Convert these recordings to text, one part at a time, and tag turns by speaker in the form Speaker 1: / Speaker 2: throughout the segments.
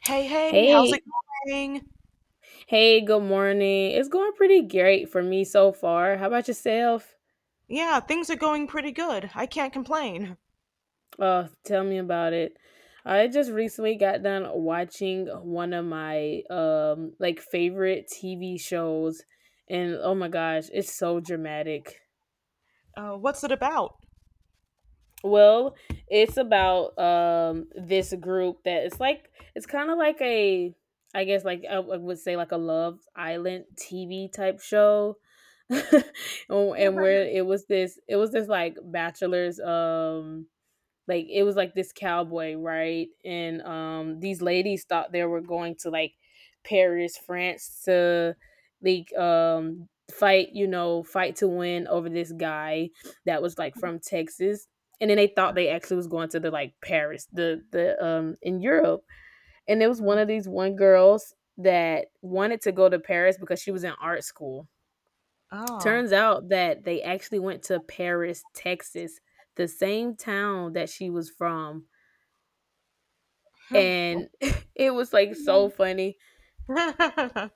Speaker 1: Hey, hey, how's it
Speaker 2: Hey,
Speaker 1: going?
Speaker 2: hey, good morning. It's going pretty great for me so far. How about yourself?
Speaker 1: Yeah, things are going pretty good. I can't complain.
Speaker 2: Oh, tell me about it. I just recently got done watching one of my like favorite TV shows and oh my gosh, it's so dramatic.
Speaker 1: What's it about?
Speaker 2: Well, it's about this group that it's like it's kind of like a I guess like I would say like a Love Island TV type show. And where it was this like bachelor's like it was like this cowboy, right? And these ladies thought they were going to, like, Paris, France, to like fight, fight to win over this guy that was like from Texas. And then they thought they actually was going to the, like, Paris, the in Europe. And there was
Speaker 1: Oh,
Speaker 2: one of these one girls that wanted to go to Paris because she was in art school.
Speaker 1: oh.
Speaker 2: Turns out that they actually went to Paris, Texas, the same town that she was from.
Speaker 1: Huh, well,
Speaker 2: And it was, like, so funny.
Speaker 1: I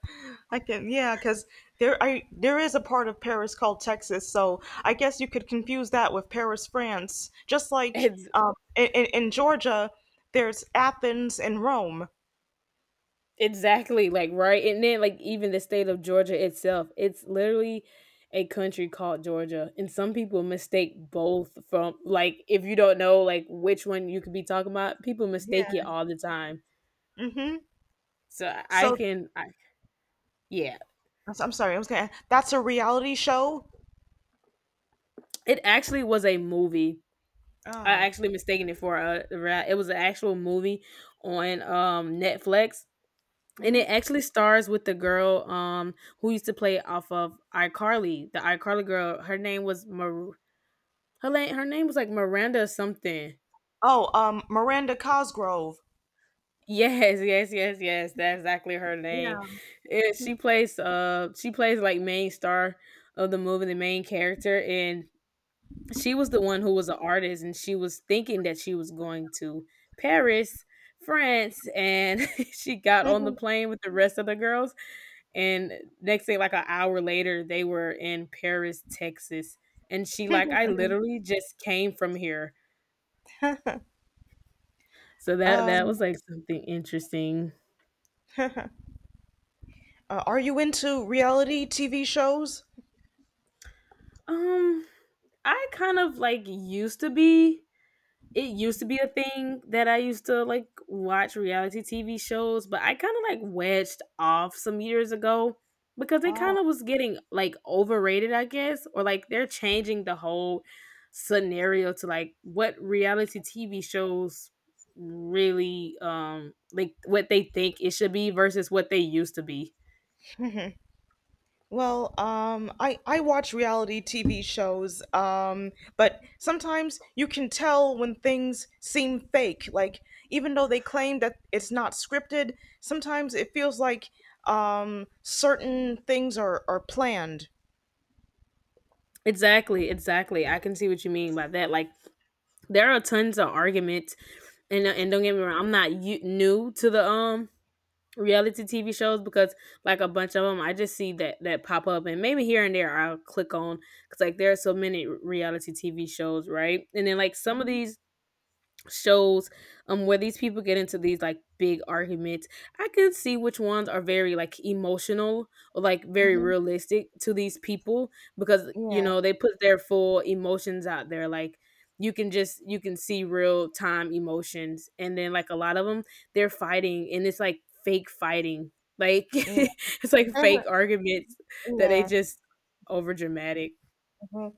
Speaker 1: can, yeah, because there, I there is a part of Paris called Texas, so I guess you could confuse that with Paris, France. Just like,
Speaker 2: It's
Speaker 1: in, in Georgia, there's Athens and Rome.
Speaker 2: exactly, like, right? And then, like, even the state of Georgia itself, it's literally a country called Georgia, and some people mistake both from, like, if you don't know, like, which one you could be talking about, people
Speaker 1: Yeah.
Speaker 2: mistake it all the time.
Speaker 1: Mm-hmm.
Speaker 2: So I
Speaker 1: So,
Speaker 2: can I, yeah.
Speaker 1: I'm sorry, I was gonna. That's a reality show.
Speaker 2: It actually was a movie. I
Speaker 1: Oh.
Speaker 2: actually mistaken it for a ra it was an actual movie on, Netflix. And it
Speaker 1: Hmm.
Speaker 2: actually stars with the girl who used to play off of iCarly, the iCarly girl. Her name was her name was like Miranda something.
Speaker 1: Oh, Miranda Cosgrove.
Speaker 2: Yes, yes, yes, yes. That's exactly her name.
Speaker 1: Yeah.
Speaker 2: And she plays like main star of the movie, the main character, and she was the one who was an artist and she was thinking that she was going to Paris, France, and she got on the
Speaker 1: Mhm,
Speaker 2: plane with the rest of the girls. And next thing, like an hour later, they were in Paris, Texas. And she
Speaker 1: mhm,
Speaker 2: like, I
Speaker 1: mhm.
Speaker 2: literally just came from here. So that
Speaker 1: Um,
Speaker 2: was like something interesting.
Speaker 1: are you into reality TV shows?
Speaker 2: Um, I kind of like used to be it used to be a thing that I used to like watch reality TV shows, but I kind of like wedged off some years ago because they kind
Speaker 1: Oh.
Speaker 2: of was getting like overrated, I guess, or like they're changing the whole scenario to like what reality TV shows really like what they think it should be versus what they used to be.
Speaker 1: Well, I watch reality TV shows, but sometimes you can tell when things seem fake. Like, even though they claim that it's not scripted, sometimes it feels like, certain things are planned.
Speaker 2: Exactly, exactly. I can see what you mean by that. Like there are tons of arguments and don't get me wrong, I'm not new to the reality TV shows because like a bunch of them I just see that pop up and maybe here and there I'll click on, cuz like there are so many reality TV shows, right? And then like some of
Speaker 1: Mhm,
Speaker 2: these shows where these people get into these like big arguments. I can see which ones are very like emotional or like very
Speaker 1: mhm.
Speaker 2: realistic to these people because you
Speaker 1: Yeah,
Speaker 2: know they put their full emotions out there, like you can just you can see real time emotions, and then like a lot of them they're fighting and it's like fake fighting, like
Speaker 1: yeah,
Speaker 2: it's like fake arguments that they
Speaker 1: yeah.
Speaker 2: just over dramatic.
Speaker 1: Mhm.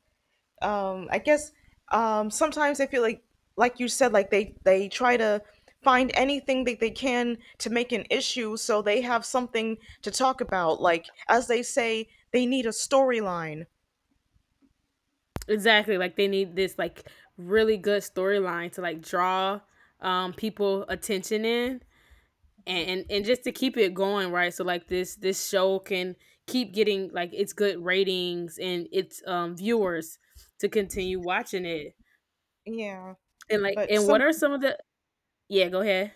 Speaker 1: I guess, sometimes I feel like you said, like they try to find anything that they can to make an issue, so they have something to talk about, like as they say, they need a storyline.
Speaker 2: Exactly. Like they need this like really good storyline to like draw people attention in and, and just to keep it going, right? So like this show can keep getting like its good ratings and its viewers to continue watching it.
Speaker 1: Yeah,
Speaker 2: And like
Speaker 1: but
Speaker 2: and what are some of the Yeah, go ahead.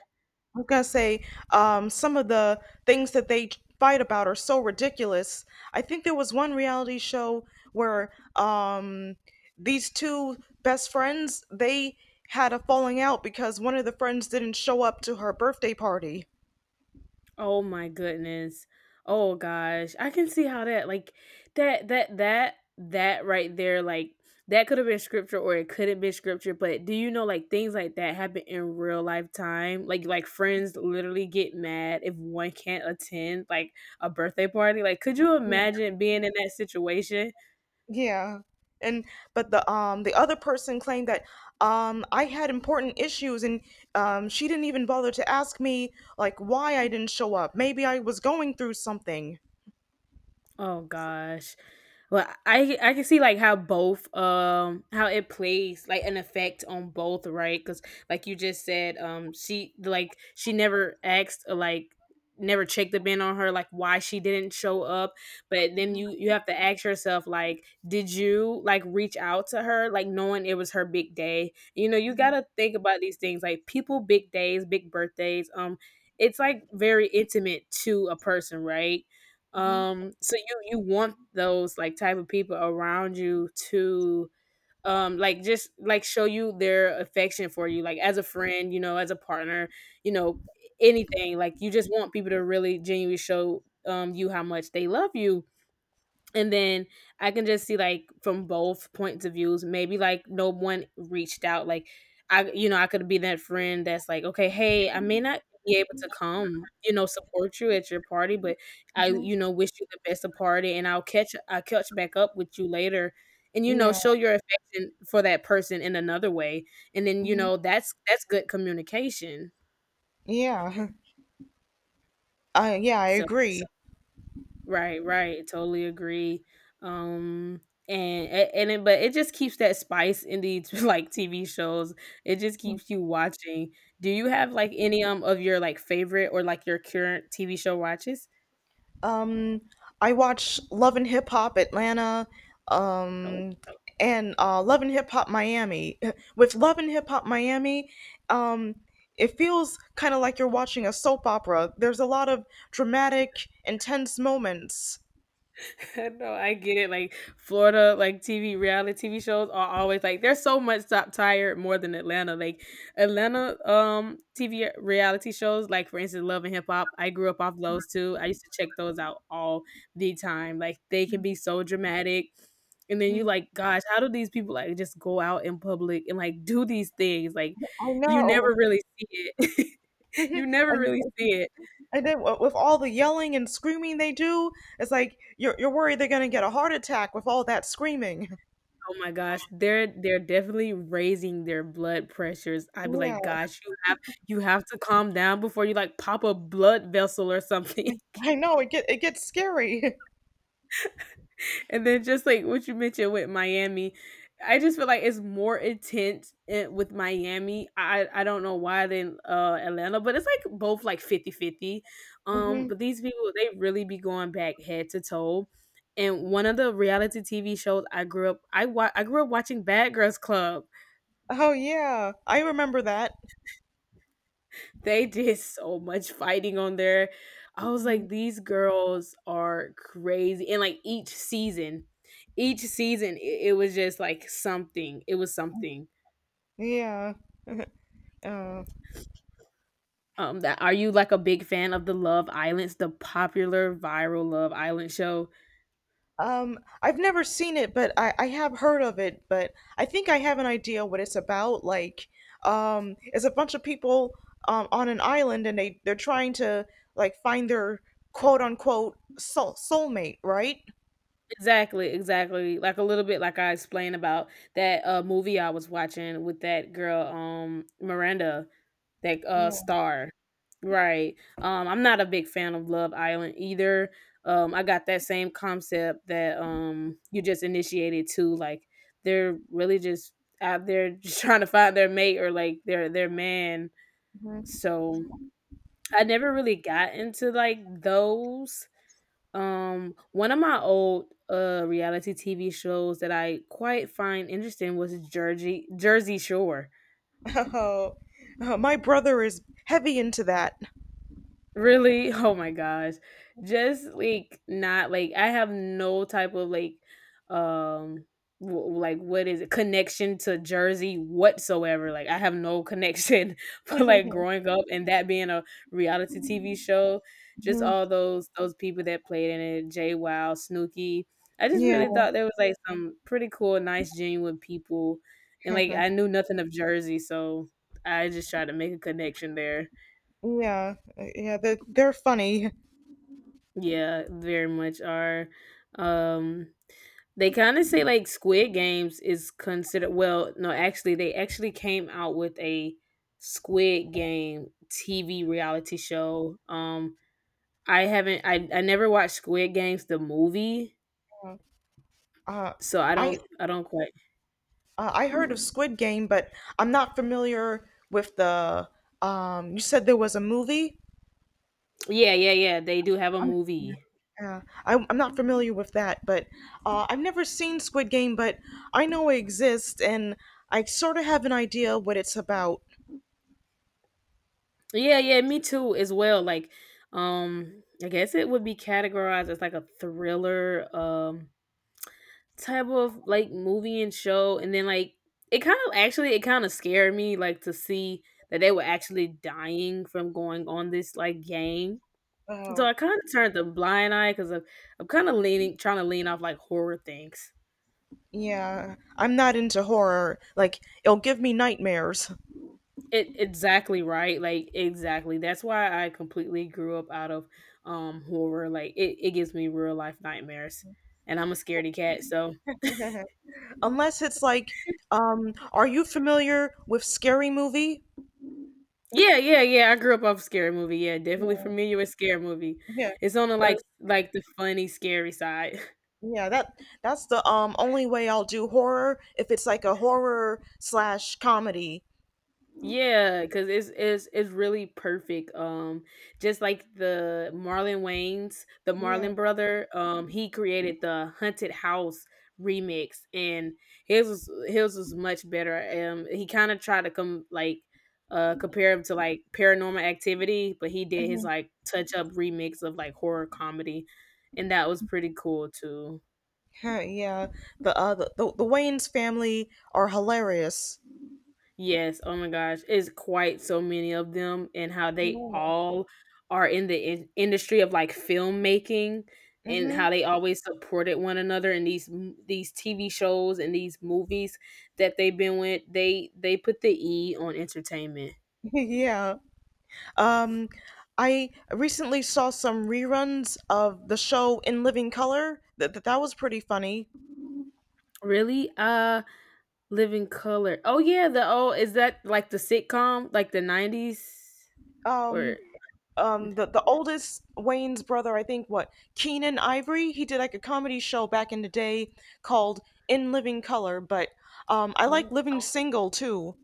Speaker 1: I was gonna say, some of the things that they fight about are so ridiculous. I think there was one reality show where, these two best friends they had a falling out because one of the friends didn't show up to her birthday party.
Speaker 2: Oh my goodness. Oh gosh. I can see how that like that right there, like that could have been scripture or it couldn't be scripture, but do you know like things like that happen in real life time? Like friends literally get mad if one can't attend like a birthday party. Like could you
Speaker 1: Yeah,
Speaker 2: imagine being in that situation?
Speaker 1: yeah. And but the other person claimed that, I had important issues, and, she didn't even bother to ask me, like, why I didn't show up. Maybe I was going through something.
Speaker 2: Oh gosh. Well, I can see like how both how it plays like an effect on both, right? Cuz like you just said she like she never asked or, like, never checked the bin on her like why she didn't show up, but then you have to ask yourself like did you like reach out to her like knowing it was her big day? You know, you got to think about these things like people big days, big birthdays, it's like very intimate to a person, right? So you want those like type of people around you to like just like show you their affection for you, like as a friend, as a partner, you know, anything. Like you just want people to really genuinely show you how much they love you, and then I can just see like from both points of views, maybe like no one reached out. Like I I could be that friend that's like, okay, hey, I may not be able to come, support you at your party, but I wish you the best of party, and I'll catch back up with you later, and
Speaker 1: Yeah.
Speaker 2: show your affection for that person in another way. And then that's good communication,
Speaker 1: Yeah, I yeah, I so
Speaker 2: so
Speaker 1: agree.
Speaker 2: Right, right. Totally agree. Um and a- and it, but it just keeps that spice in these like TV shows. It just keeps you watching. Do you have like any of your like favorite or like your current TV show watches?
Speaker 1: Um, I watch Love and Hip Hop Atlanta, um, and Love and Hip Hop Miami. With Love and Hip Hop Miami, um, it feels kind of like you're watching a soap opera. There's a lot of dramatic, intense moments.
Speaker 2: No, I get it. Like Florida, like TV reality TV shows are always like there's so much top tier more than Atlanta. Like Atlanta TV reality shows, like for instance Love and Hip Hop. I grew up off those too. I used to check those out all the time. Like they can be so dramatic. And then you
Speaker 1: Mhm.
Speaker 2: like, gosh, how do these people like just go out in public and like do these things? Like
Speaker 1: I
Speaker 2: you
Speaker 1: know.
Speaker 2: never really see it. You never
Speaker 1: and
Speaker 2: really see it.
Speaker 1: and with all the yelling and screaming they do, it's like you're worried they're gonna get a heart attack with all that screaming.
Speaker 2: Oh my gosh, they're definitely raising their blood pressures. I'd be
Speaker 1: Yeah.
Speaker 2: like, "Gosh, you have to calm down before you, like, pop a blood vessel or something."
Speaker 1: I know, it gets scary.
Speaker 2: And then just like what you mentioned with Miami, I just feel like it's more intense I with Miami. I don't know why than, Atlanta, but it's, like, both, like, 50-50. Um,
Speaker 1: Mhm.
Speaker 2: but these people, they really be going back head to toe. And one of the reality TV shows I grew up watching Bad Girls Club.
Speaker 1: Oh yeah, I remember that.
Speaker 2: They did so much fighting on there. I was like, these girls are crazy. And like each season, it was just like something. It was something.
Speaker 1: Yeah. Uh,
Speaker 2: That Are you like a big fan of the Love Islands, the popular viral Love Island show?
Speaker 1: I've never seen it, but I have heard of it. But I think I have an idea what it's about. Like, it's a bunch of people on an island, and they're trying to, like, find their quote unquote soulmate, right?
Speaker 2: Exactly, exactly. Like a little bit like I explained about that movie I was watching with that girl Miranda, that star. Right. I'm not a big fan of Love Island either. I got that same concept that you just initiated too, like they're really just out there just trying to find their mate or like their man.
Speaker 1: Mhm.
Speaker 2: So I never really got into like those one of my old reality TV shows that I quite find interesting was Jersey Shore.
Speaker 1: Oh, oh, my brother is heavy into that.
Speaker 2: Really? Oh my gosh. Just like not like I have no type of like um like what is it connection to Jersey whatsoever. Like I have no connection for like growing up and that being a reality TV show. Just all those people that played in it, Jay Wow, Snooki. I just
Speaker 1: Yeah,
Speaker 2: really thought there was like some pretty cool, nice, genuine people. And like I knew nothing of Jersey, so I just tried to make a connection there.
Speaker 1: yeah, yeah. They're funny.
Speaker 2: Yeah, very much are. Um, they kind of say like Squid Games is considered. Well, no, actually, they actually came out with a Squid Game TV reality show. I haven't. I never watched Squid Games the movie,
Speaker 1: Uh,
Speaker 2: so I
Speaker 1: I
Speaker 2: don't. I don't quite.
Speaker 1: I heard of Squid Game, but I'm not familiar with the. You said there was a movie.
Speaker 2: Yeah, yeah, yeah. They do have a movie.
Speaker 1: I'm not familiar with that, but I've never seen Squid Game, but I know it exists, and I sort of have an idea what it's about.
Speaker 2: Yeah, yeah. Me too, as well. Like, I guess it would be categorized as like a thriller. Type of like movie and show, and then like it kind of scared me like to see that they were actually dying from going on this like game. So
Speaker 1: Oh,
Speaker 2: I kind of turned the blind eye because I'm kind of leaning trying to lean off like horror things.
Speaker 1: yeah. I'm not into horror. Like, it'll give me nightmares.
Speaker 2: It exactly, right, like exactly, that's why I completely grew up out of horror. Like it gives me real life nightmares, and I'm a scaredy cat so.
Speaker 1: Unless it's like, are you familiar with Scary Movie?
Speaker 2: Yeah, yeah, yeah, I grew up off Scary Movie, yeah, definitely
Speaker 1: Yeah.
Speaker 2: familiar with Scary Movie.
Speaker 1: Yeah.
Speaker 2: It's on the, the funny, scary side.
Speaker 1: Yeah, that's the only way I'll do horror, if it's like a horror slash comedy.
Speaker 2: Yeah, because it's really perfect. Just like the Marlon Wayans, the
Speaker 1: Yeah,
Speaker 2: Marlon brother, he created the Hunted House remix, and his was much better. He kind of tried to come like compare him to like Paranormal Activity, but he did his
Speaker 1: mhm.
Speaker 2: like touch up remix of like horror comedy, and that was pretty cool too.
Speaker 1: Huh, yeah. The Wayne's family are hilarious.
Speaker 2: Yes, oh my gosh, it's quite so many of them, and how they all are in the industry of like filmmaking, and
Speaker 1: Mm-hmm.
Speaker 2: how they always supported one another in these these TV shows and these movies that they've been with. They put the E on entertainment.
Speaker 1: Yeah. Um, I recently saw some reruns of the show In Living Color. That was pretty funny.
Speaker 2: Really? Uh, Living Color. Oh yeah, the oh is that like the sitcom like the 90s
Speaker 1: Um,
Speaker 2: or
Speaker 1: the oldest Wayne's brother, I think, what, Keenan Ivory. He did like a comedy show back in the day called In Living Color, but I like
Speaker 2: oh.
Speaker 1: Living Single too.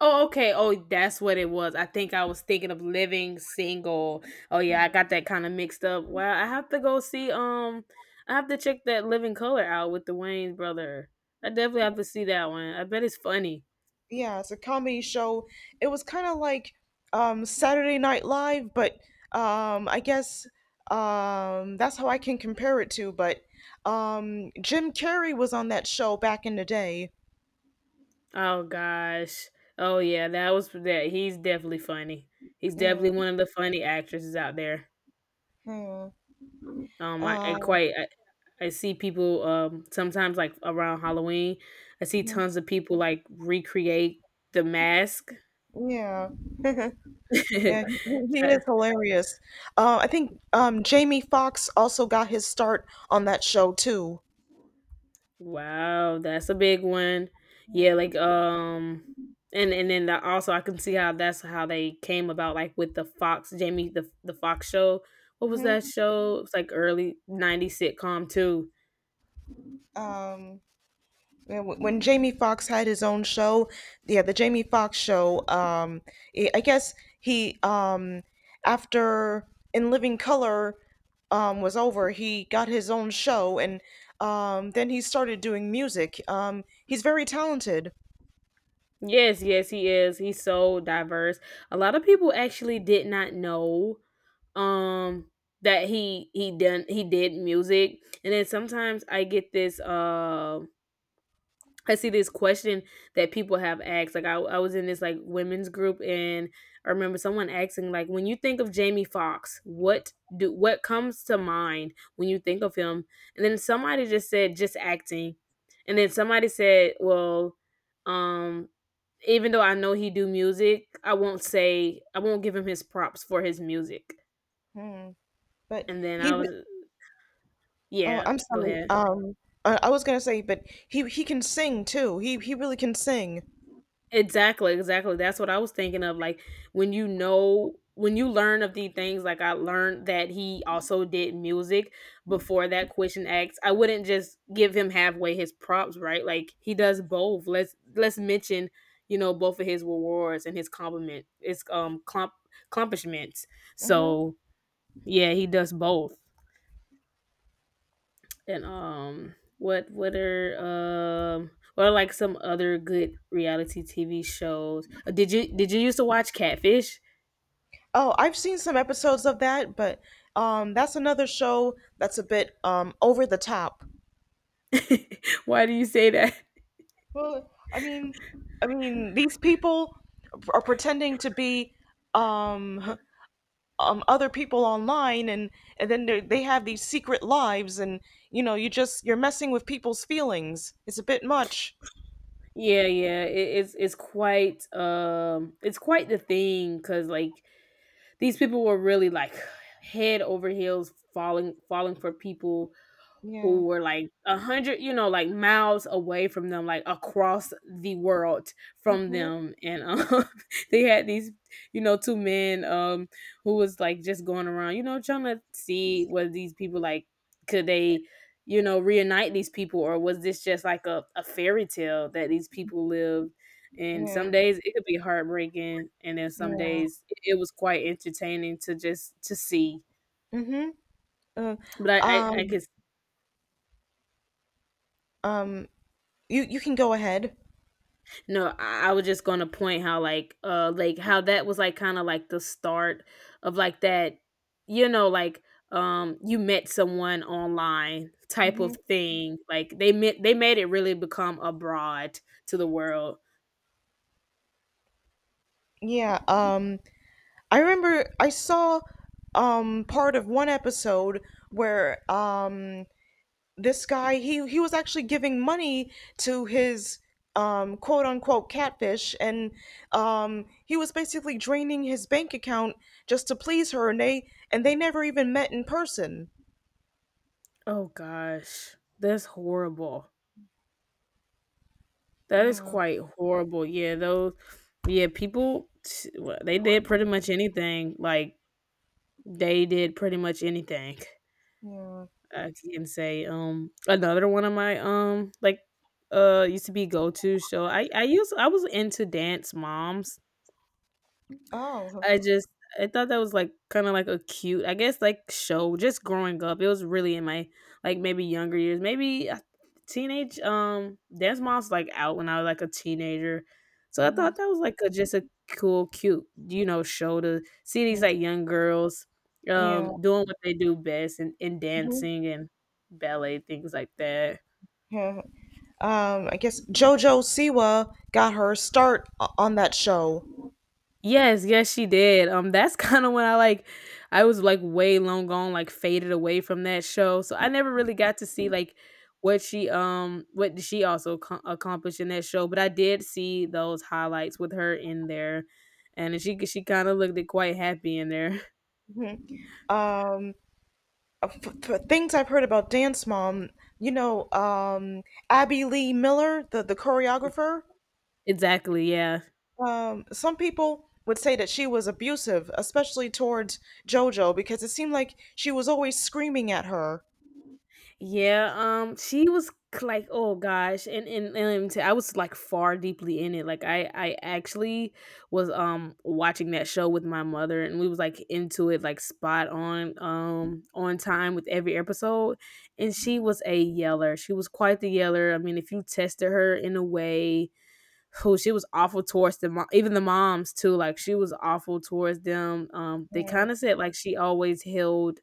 Speaker 2: Oh, okay. Oh, that's what it was. I think I was thinking of Living Single. Oh yeah, I got that kind of mixed up. Well, I have to go see, um, I have to check that Living Color out with the Wayne brother. I definitely have to see that one. I bet it's funny.
Speaker 1: Yeah, it's a comedy show. It was kind of like Saturday Night Live, but I guess that's how I can compare it to. But Jim Carrey was on that show back in the day.
Speaker 2: Oh gosh. Oh yeah, that was that he's definitely funny. He's
Speaker 1: Yeah,
Speaker 2: definitely one of the funny actresses out there.
Speaker 1: yeah,
Speaker 2: Um I, I
Speaker 1: uh,
Speaker 2: quite I, I see people sometimes like around Halloween, I see
Speaker 1: mhm,
Speaker 2: tons of people like recreate the mask.
Speaker 1: yeah. Yeah, he
Speaker 2: That-
Speaker 1: is hilarious. I think, Jamie Foxx also got his start on that show too.
Speaker 2: wow, that's a big one. Yeah, like
Speaker 1: Hmm.
Speaker 2: and then the, also I can see how that's how they came about like with the Fox Jamie, the Fox show. What was that show? It was like early 90s sitcom too.
Speaker 1: Um, yeah, when Jamie Foxx had his own show, yeah, the Jamie Foxx show. I guess he after In Living Color, was over, he got his own show, and, then he started doing music. He's very talented.
Speaker 2: Yes, yes, he is. He's so diverse. A lot of people actually did not know um that he did music. And then sometimes I get this, um, I see this question that people have asked. Like I was in this like women's group, and I remember someone asking, like when you think of Jamie Foxx, what comes to mind when you think of him? And then somebody just said just acting. And then somebody said, well, um even though I know he do music, I won't give him his props for his music.
Speaker 1: Mm. But
Speaker 2: And then
Speaker 1: he.
Speaker 2: I was,
Speaker 1: Oh,
Speaker 2: yeah,
Speaker 1: I'm
Speaker 2: go
Speaker 1: sorry.
Speaker 2: ahead.
Speaker 1: I was gonna say, but he can sing too. He really can sing.
Speaker 2: Exactly, exactly. That's what I was thinking of. Like when you know, when you learn of the things, like I learned that he also did music before that question acts. I wouldn't just give him halfway his props, right? Like he does both. Let's mention, you know, both of his rewards and his compliment, his clump accomplishments.
Speaker 1: Hmm.
Speaker 2: So yeah, he does both. And what are like some other good reality TV shows? Did you used to watch Catfish?
Speaker 1: Oh, I've seen some episodes of that, but, that's another show that's a bit over the top.
Speaker 2: Why do you say that?
Speaker 1: Well, I mean, these people are pretending to be um other people online, and then they have these secret lives, and, you know, you're messing with people's feelings. It's a bit much.
Speaker 2: Yeah, yeah, it's quite it's quite the thing, because like these people were really like head over heels falling for people who were like a hundred, you know, like miles away from them, like across the world from them. And they had these, you know, two men, um, who was like just going around, you know, trying to see whether these people like could they, you know, reunite these people, or was this just like a fairy tale that these people lived? And some days it could be heartbreaking, and then some days it was quite entertaining to just to see.
Speaker 1: Mm-hmm. Uh,
Speaker 2: but I, I, I
Speaker 1: um.
Speaker 2: could
Speaker 1: um, you can go ahead.
Speaker 2: No, I was just gonna point how like how that was like kind of like the start of like that, you know, like you met someone online type
Speaker 1: Hmm.
Speaker 2: of thing. Like they made it really become abroad to the world.
Speaker 1: Yeah, I remember I saw part of one episode where, this guy, he was actually giving money to his quote unquote catfish, and, he was basically draining his bank account just to please her, and they never even met in person.
Speaker 2: Oh gosh, that's horrible. That is
Speaker 1: Yeah,
Speaker 2: quite horrible. Yeah, those, yeah, people well, they did pretty much anything. Like they did pretty much anything.
Speaker 1: yeah.
Speaker 2: I can say, another one of my, like, used to be go to show. I was into Dance Moms.
Speaker 1: Oh,
Speaker 2: I just I thought that was like kind of like a cute, I guess, like show. Just growing up, it was really in my like maybe younger years, maybe teenage. Dance Moms like out when I was like a teenager, so I thought that was like a, just a cool, cute, you know, show to see these like young girls,
Speaker 1: yeah,
Speaker 2: doing what they do best, and dancing and ballet things like that.
Speaker 1: I guess JoJo Siwa got her start on that show.
Speaker 2: Yes, yes, she did. That's kind of when I like, I was like way long gone, like faded away from that show. So I never really got to see like what she what did she also accomplished in that show. But I did see those highlights with her in there, and she kind of looked quite happy in there.
Speaker 1: Um, things I've heard about Dance Mom, you know, Abby Lee Miller, the choreographer,
Speaker 2: exactly. Yeah.
Speaker 1: some people would say that she was abusive, especially towards JoJo, because it seemed like she was always screaming at her.
Speaker 2: Yeah, she was like, oh gosh, and I was like far deeply in it. Like I actually was watching that show with my mother, and we was like into it like spot on time with every episode. And she was a yeller. She was quite the yeller. I mean, if you tested her in a way, who she was awful towards the even the moms too. Like she was awful towards them. They
Speaker 1: Mm,
Speaker 2: kind of said like she always held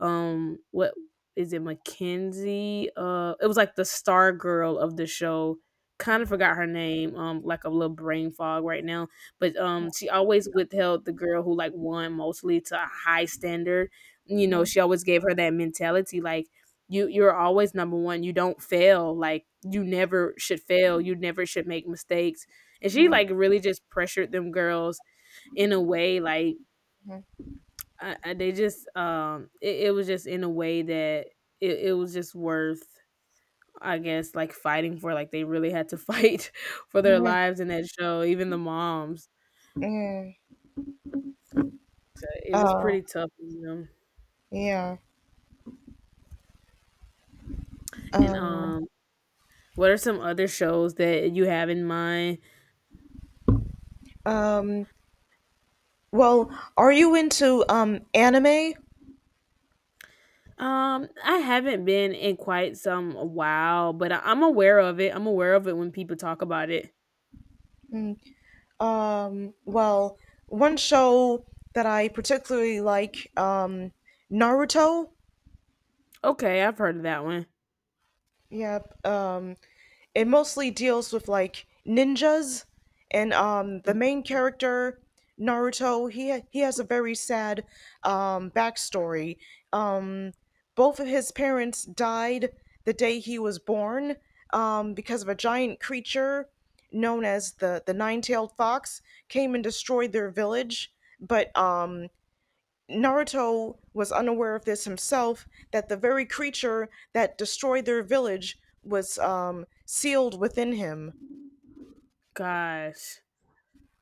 Speaker 2: um, what is it, Mackenzie? Uh, it was like the star girl of the show. Kind of forgot
Speaker 1: mm,
Speaker 2: her name, like a little brain fog right now. But she always withheld the girl who like won mostly to a high standard. You know,
Speaker 1: mhm,
Speaker 2: she always gave her that mentality like you're always number one. You don't fail. Like you never should fail. You never should make mistakes. And she like really just pressured them girls in a way like I they just it was just in a way that it was just worth, I guess, like fighting for, like they really had to fight for their
Speaker 1: mhm,
Speaker 2: lives in that show, even the moms,
Speaker 1: mhm.
Speaker 2: so it was
Speaker 1: Uh,
Speaker 2: pretty tough on them.
Speaker 1: yeah.
Speaker 2: And
Speaker 1: Um,
Speaker 2: um, what are some other shows that you have in mind?
Speaker 1: um, well, are you into, anime?
Speaker 2: I haven't been in quite some while, but I'm aware of it, I'm aware of it when people talk about it.
Speaker 1: Well, one show that I particularly like, Naruto.
Speaker 2: Okay, I've heard of that one.
Speaker 1: Yep. It mostly deals with, like, ninjas, and, the main character, Naruto. He has a very sad backstory. Um, both of his parents died the day he was born. Because of a giant creature known as the nine tailed fox, came and destroyed their village. But, Naruto was unaware of this himself, that the very creature that destroyed their village was, sealed within him.
Speaker 2: Gosh.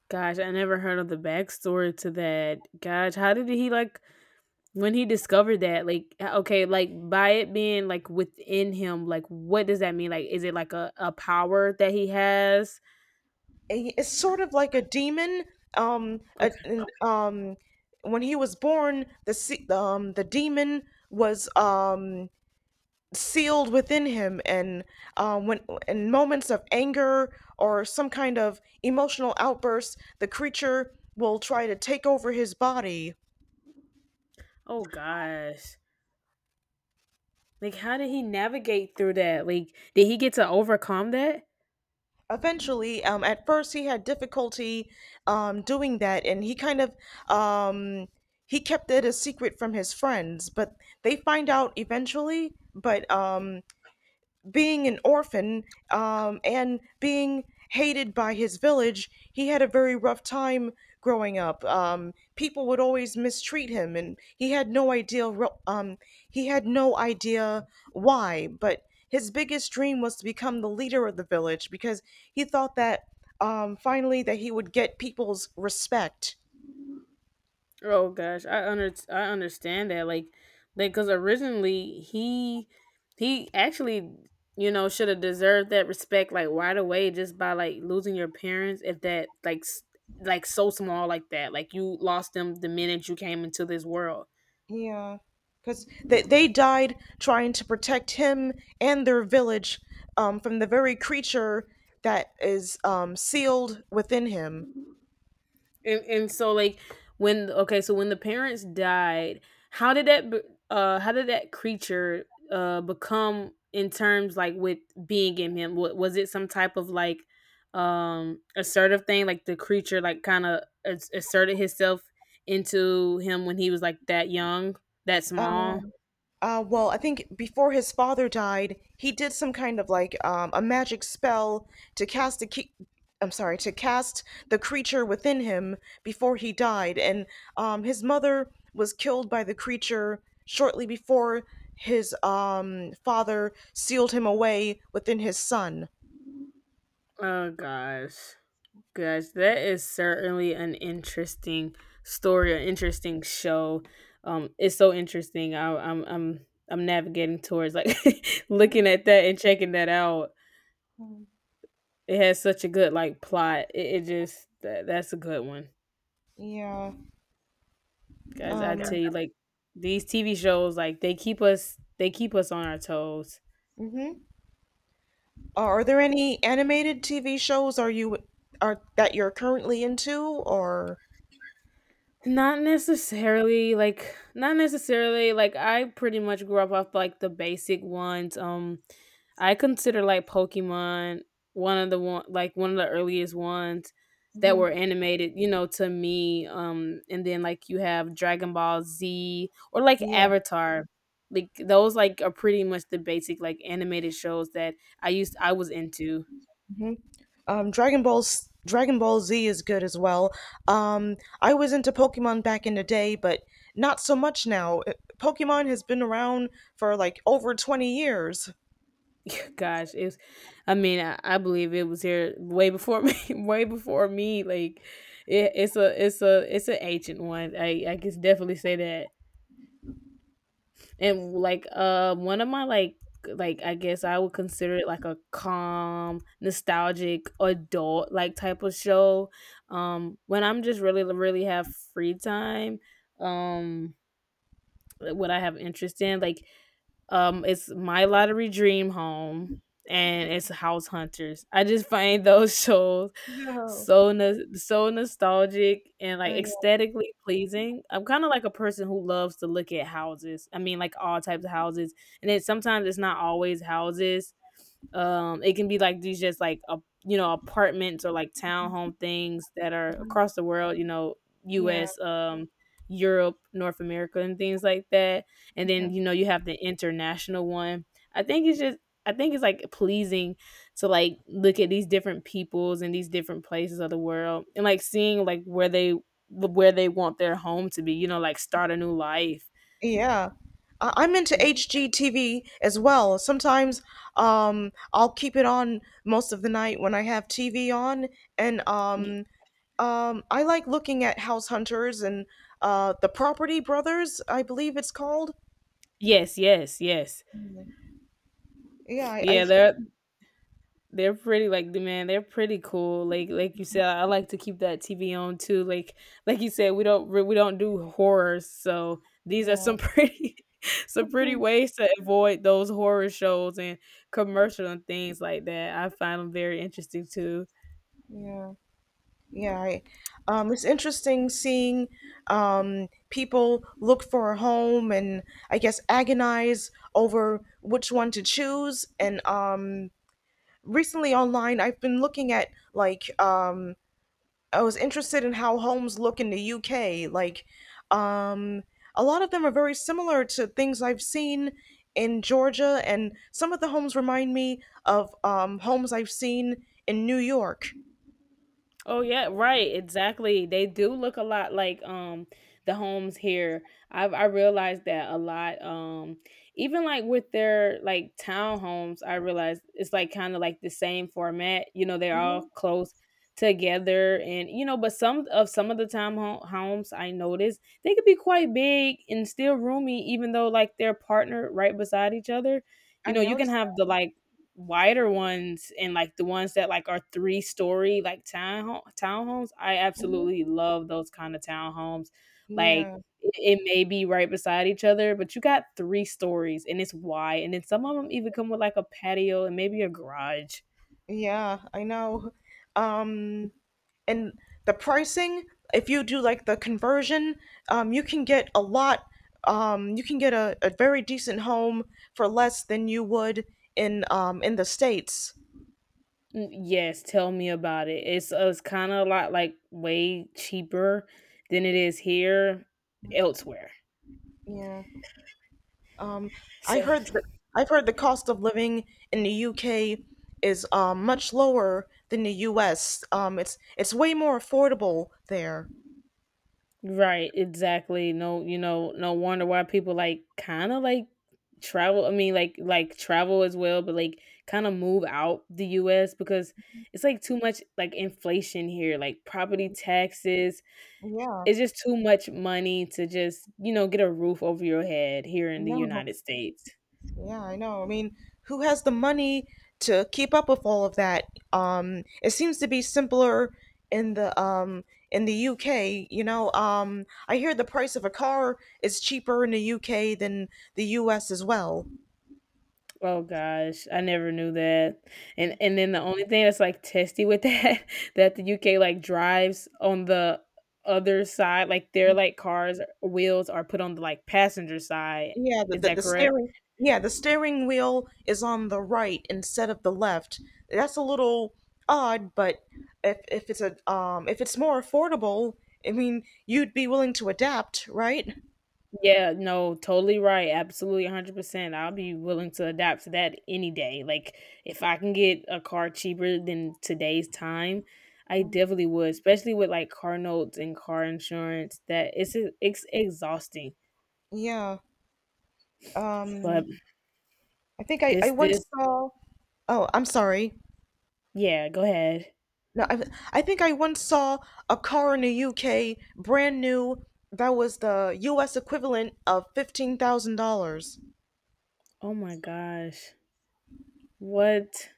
Speaker 2: Gosh, I never heard of the backstory to that. Gosh, how did he like when he discovered that? Like, h- okay, like by it being like within him, like what does that mean? Like, is it like a power that he has?
Speaker 1: It's sort of like a demon. Um, a,
Speaker 2: Okay.
Speaker 1: an- um, when he was born, the demon was, sealed within him, and, when, in moments of anger or some kind of emotional outburst, the creature will try to take over his body.
Speaker 2: Oh gosh. Like, how did he navigate through that? Like, did he get to overcome that?
Speaker 1: Eventually, at first he had difficulty, doing that, and he kind of um, he kept it a secret from his friends, but they find out eventually. But, being an orphan, and being hated by his village, he had a very rough time growing up. People would always mistreat him, and he had no idea. He had no idea why, but his biggest dream was to become the leader of the village, because he thought that, finally, that he would get people's respect.
Speaker 2: Oh gosh, I understand that. Like because originally he actually, you know, should have deserved that respect like right away just by like losing your parents at that like s- like so small like that, like you lost them the minute you came into this world.
Speaker 1: Yeah, because they died trying to protect him and their village, from the very creature that is, sealed within him.
Speaker 2: And so like when okay, so when the parents died, how did that be- how did that creature become in terms like with being in him? Was it some type of like assertive thing, like the creature like kind of asserted himself into him when he was like that young, that
Speaker 1: Uh,
Speaker 2: small?
Speaker 1: Well, I think before his father died, he did some kind of like, a magic spell to cast the key. I'm sorry, to cast the creature within him before he died, and, his mother was killed by the creature shortly before his, father sealed him away within his son.
Speaker 2: Oh gosh. Gosh, that is certainly an interesting story, an interesting show. It's so interesting. I, I'm navigating towards like looking at that and checking that out. It has such a good like plot. That's a good one,
Speaker 1: Yeah. Yeah.
Speaker 2: guys. I tell you, like these TV shows, like they keep us on our toes.
Speaker 1: Hmm Are there any animated TV shows are you are that you're currently into, or?
Speaker 2: Not necessarily, like not necessarily, like I pretty much grew up off like the basic ones. Um, I consider like Pokemon one of the earliest ones that were
Speaker 1: Mhm.
Speaker 2: animated, you know, to me. Um, and then like you have Dragon Ball Z or like
Speaker 1: Yeah.
Speaker 2: Avatar. Like those like are pretty much the basic like animated shows that I was into.
Speaker 1: Dragon Ball Z is good as well. Um, I was into Pokemon back in the day, but not so much now. Pokemon has been around for like over 20 years.
Speaker 2: Gosh, it's. I mean, I believe it was here way before me, way before me. Like, it, it's a, it's a, it's an ancient one. I can definitely say that. And like, one of my like I guess I would consider it like a calm, nostalgic adult like type of show. When I'm just really have free time. Um, what I have interest in, it's My Lottery Dream Home and it's House Hunters. I just find those shows
Speaker 1: Oh,
Speaker 2: so no- so nostalgic and like
Speaker 1: oh
Speaker 2: aesthetically pleasing. I'm kind of like a person who loves to look at houses. I mean, like all types of houses, and then sometimes it's not always houses. It can be like these just like a, you know, apartments or like townhome things that are across the world. You know,
Speaker 1: yeah,
Speaker 2: U.S., Europe, North America, and things like that. And then
Speaker 1: yeah.
Speaker 2: you know you have the international one. I think it's just I think it's like pleasing to like look at these different peoples and these different places of the world and like seeing like where they want their home to be. You know, like start a new life.
Speaker 1: Yeah. I'm into
Speaker 2: And
Speaker 1: HGTV as well. Sometimes, I'll keep it on most of the night when I have TV on, and,
Speaker 2: y-
Speaker 1: I like looking at House Hunters and, the Property Brothers, I believe it's called.
Speaker 2: yes, yes, yes.
Speaker 1: Yeah, I, I
Speaker 2: Yeah, there they're pretty like the man. They're pretty cool. Like you said, I like to keep that TV on too. Like you said, we don't do horrors, so these are
Speaker 1: Yeah,
Speaker 2: some pretty some pretty ways to avoid those horror shows and commercial and things like that. I find them very interesting too.
Speaker 1: yeah, yeah. It's interesting seeing, people look for a home and, I guess, agonize over which one to choose. And, recently online, I've been looking at like, I was interested in how homes look in the UK. Like, um, a lot of them are very similar to things I've seen in Georgia, and some of the homes remind me of, homes I've seen in New York.
Speaker 2: Oh yeah, right, exactly. They do look a lot like the homes here. I realized that a lot. Even like with their like townhomes, I realized it's like kind of like the same format. You know, they're all close together and you know, but some of the homes I noticed, they could be quite big and still roomy even though like they're partnered right beside each other.
Speaker 1: I
Speaker 2: You know, you can
Speaker 1: noticed
Speaker 2: have
Speaker 1: that.
Speaker 2: the like wider ones and like the ones that like are three-story like townhomes. I
Speaker 1: Mhm.
Speaker 2: absolutely love those kind of townhomes. Like
Speaker 1: Yeah,
Speaker 2: it may be right beside each other but you got three stories and it's wide, and then some of them even come with like a patio and maybe a garage.
Speaker 1: yeah, I know. Um, and the pricing, if you do like the conversion, you can get a lot. You can get a very decent home for less than you would in, in the States.
Speaker 2: Mm, yes, tell me about it. It's, it's kind of a lot like way cheaper than it is here elsewhere.
Speaker 1: Yeah. Um, I
Speaker 2: So,
Speaker 1: heard that I've heard the cost of living in the UK is much lower than the US. It's way more affordable there.
Speaker 2: Right, exactly. No, you know, no wonder why people like kind of like travel. I mean, like travel as well, but like kind of move out the U.S. because it's like too much like inflation here, like property taxes.
Speaker 1: Yeah,
Speaker 2: It's just too much money to just you know get a roof over your head here in the
Speaker 1: no.
Speaker 2: United States.
Speaker 1: Yeah, I know. I mean, who has the money to keep up with all of that? It seems to be simpler in the UK. You know, I hear the price of a car is cheaper in the UK than the US as well.
Speaker 2: Oh gosh, I never knew that. And then the only thing that's like testy with that that the UK like drives on the other side, like their like cars wheels are put on the like passenger side.
Speaker 1: Yeah,
Speaker 2: Is that correct?
Speaker 1: the steering wheel is on the right instead of the left. That's a little odd, but if it's more affordable, I mean, you'd be willing to adapt, right?
Speaker 2: Yeah, no, totally right. Absolutely 100%. I'll be willing to adapt to that any day. Like if I can get a car cheaper than today's time, I definitely would, especially with like car notes and car insurance that it's exhausting.
Speaker 1: Yeah.
Speaker 2: But
Speaker 1: Um I think I
Speaker 2: this
Speaker 1: once
Speaker 2: this
Speaker 1: saw. Oh, I'm sorry.
Speaker 2: Yeah, go ahead.
Speaker 1: No, I think I once saw a car in the UK, brand new, that was the US equivalent of $15,000.
Speaker 2: Oh my gosh. What?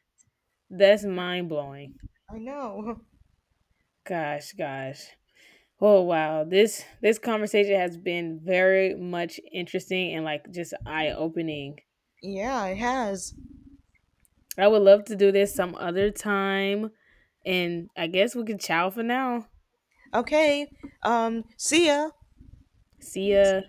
Speaker 2: That's mind blowing.
Speaker 1: I know.
Speaker 2: Gosh, gosh. Oh wow. This conversation has been very much interesting and like just eye opening.
Speaker 1: Yeah, it has.
Speaker 2: I would love to do this some other time. And I guess we can chow for now.
Speaker 1: Okay. See ya.
Speaker 2: See ya.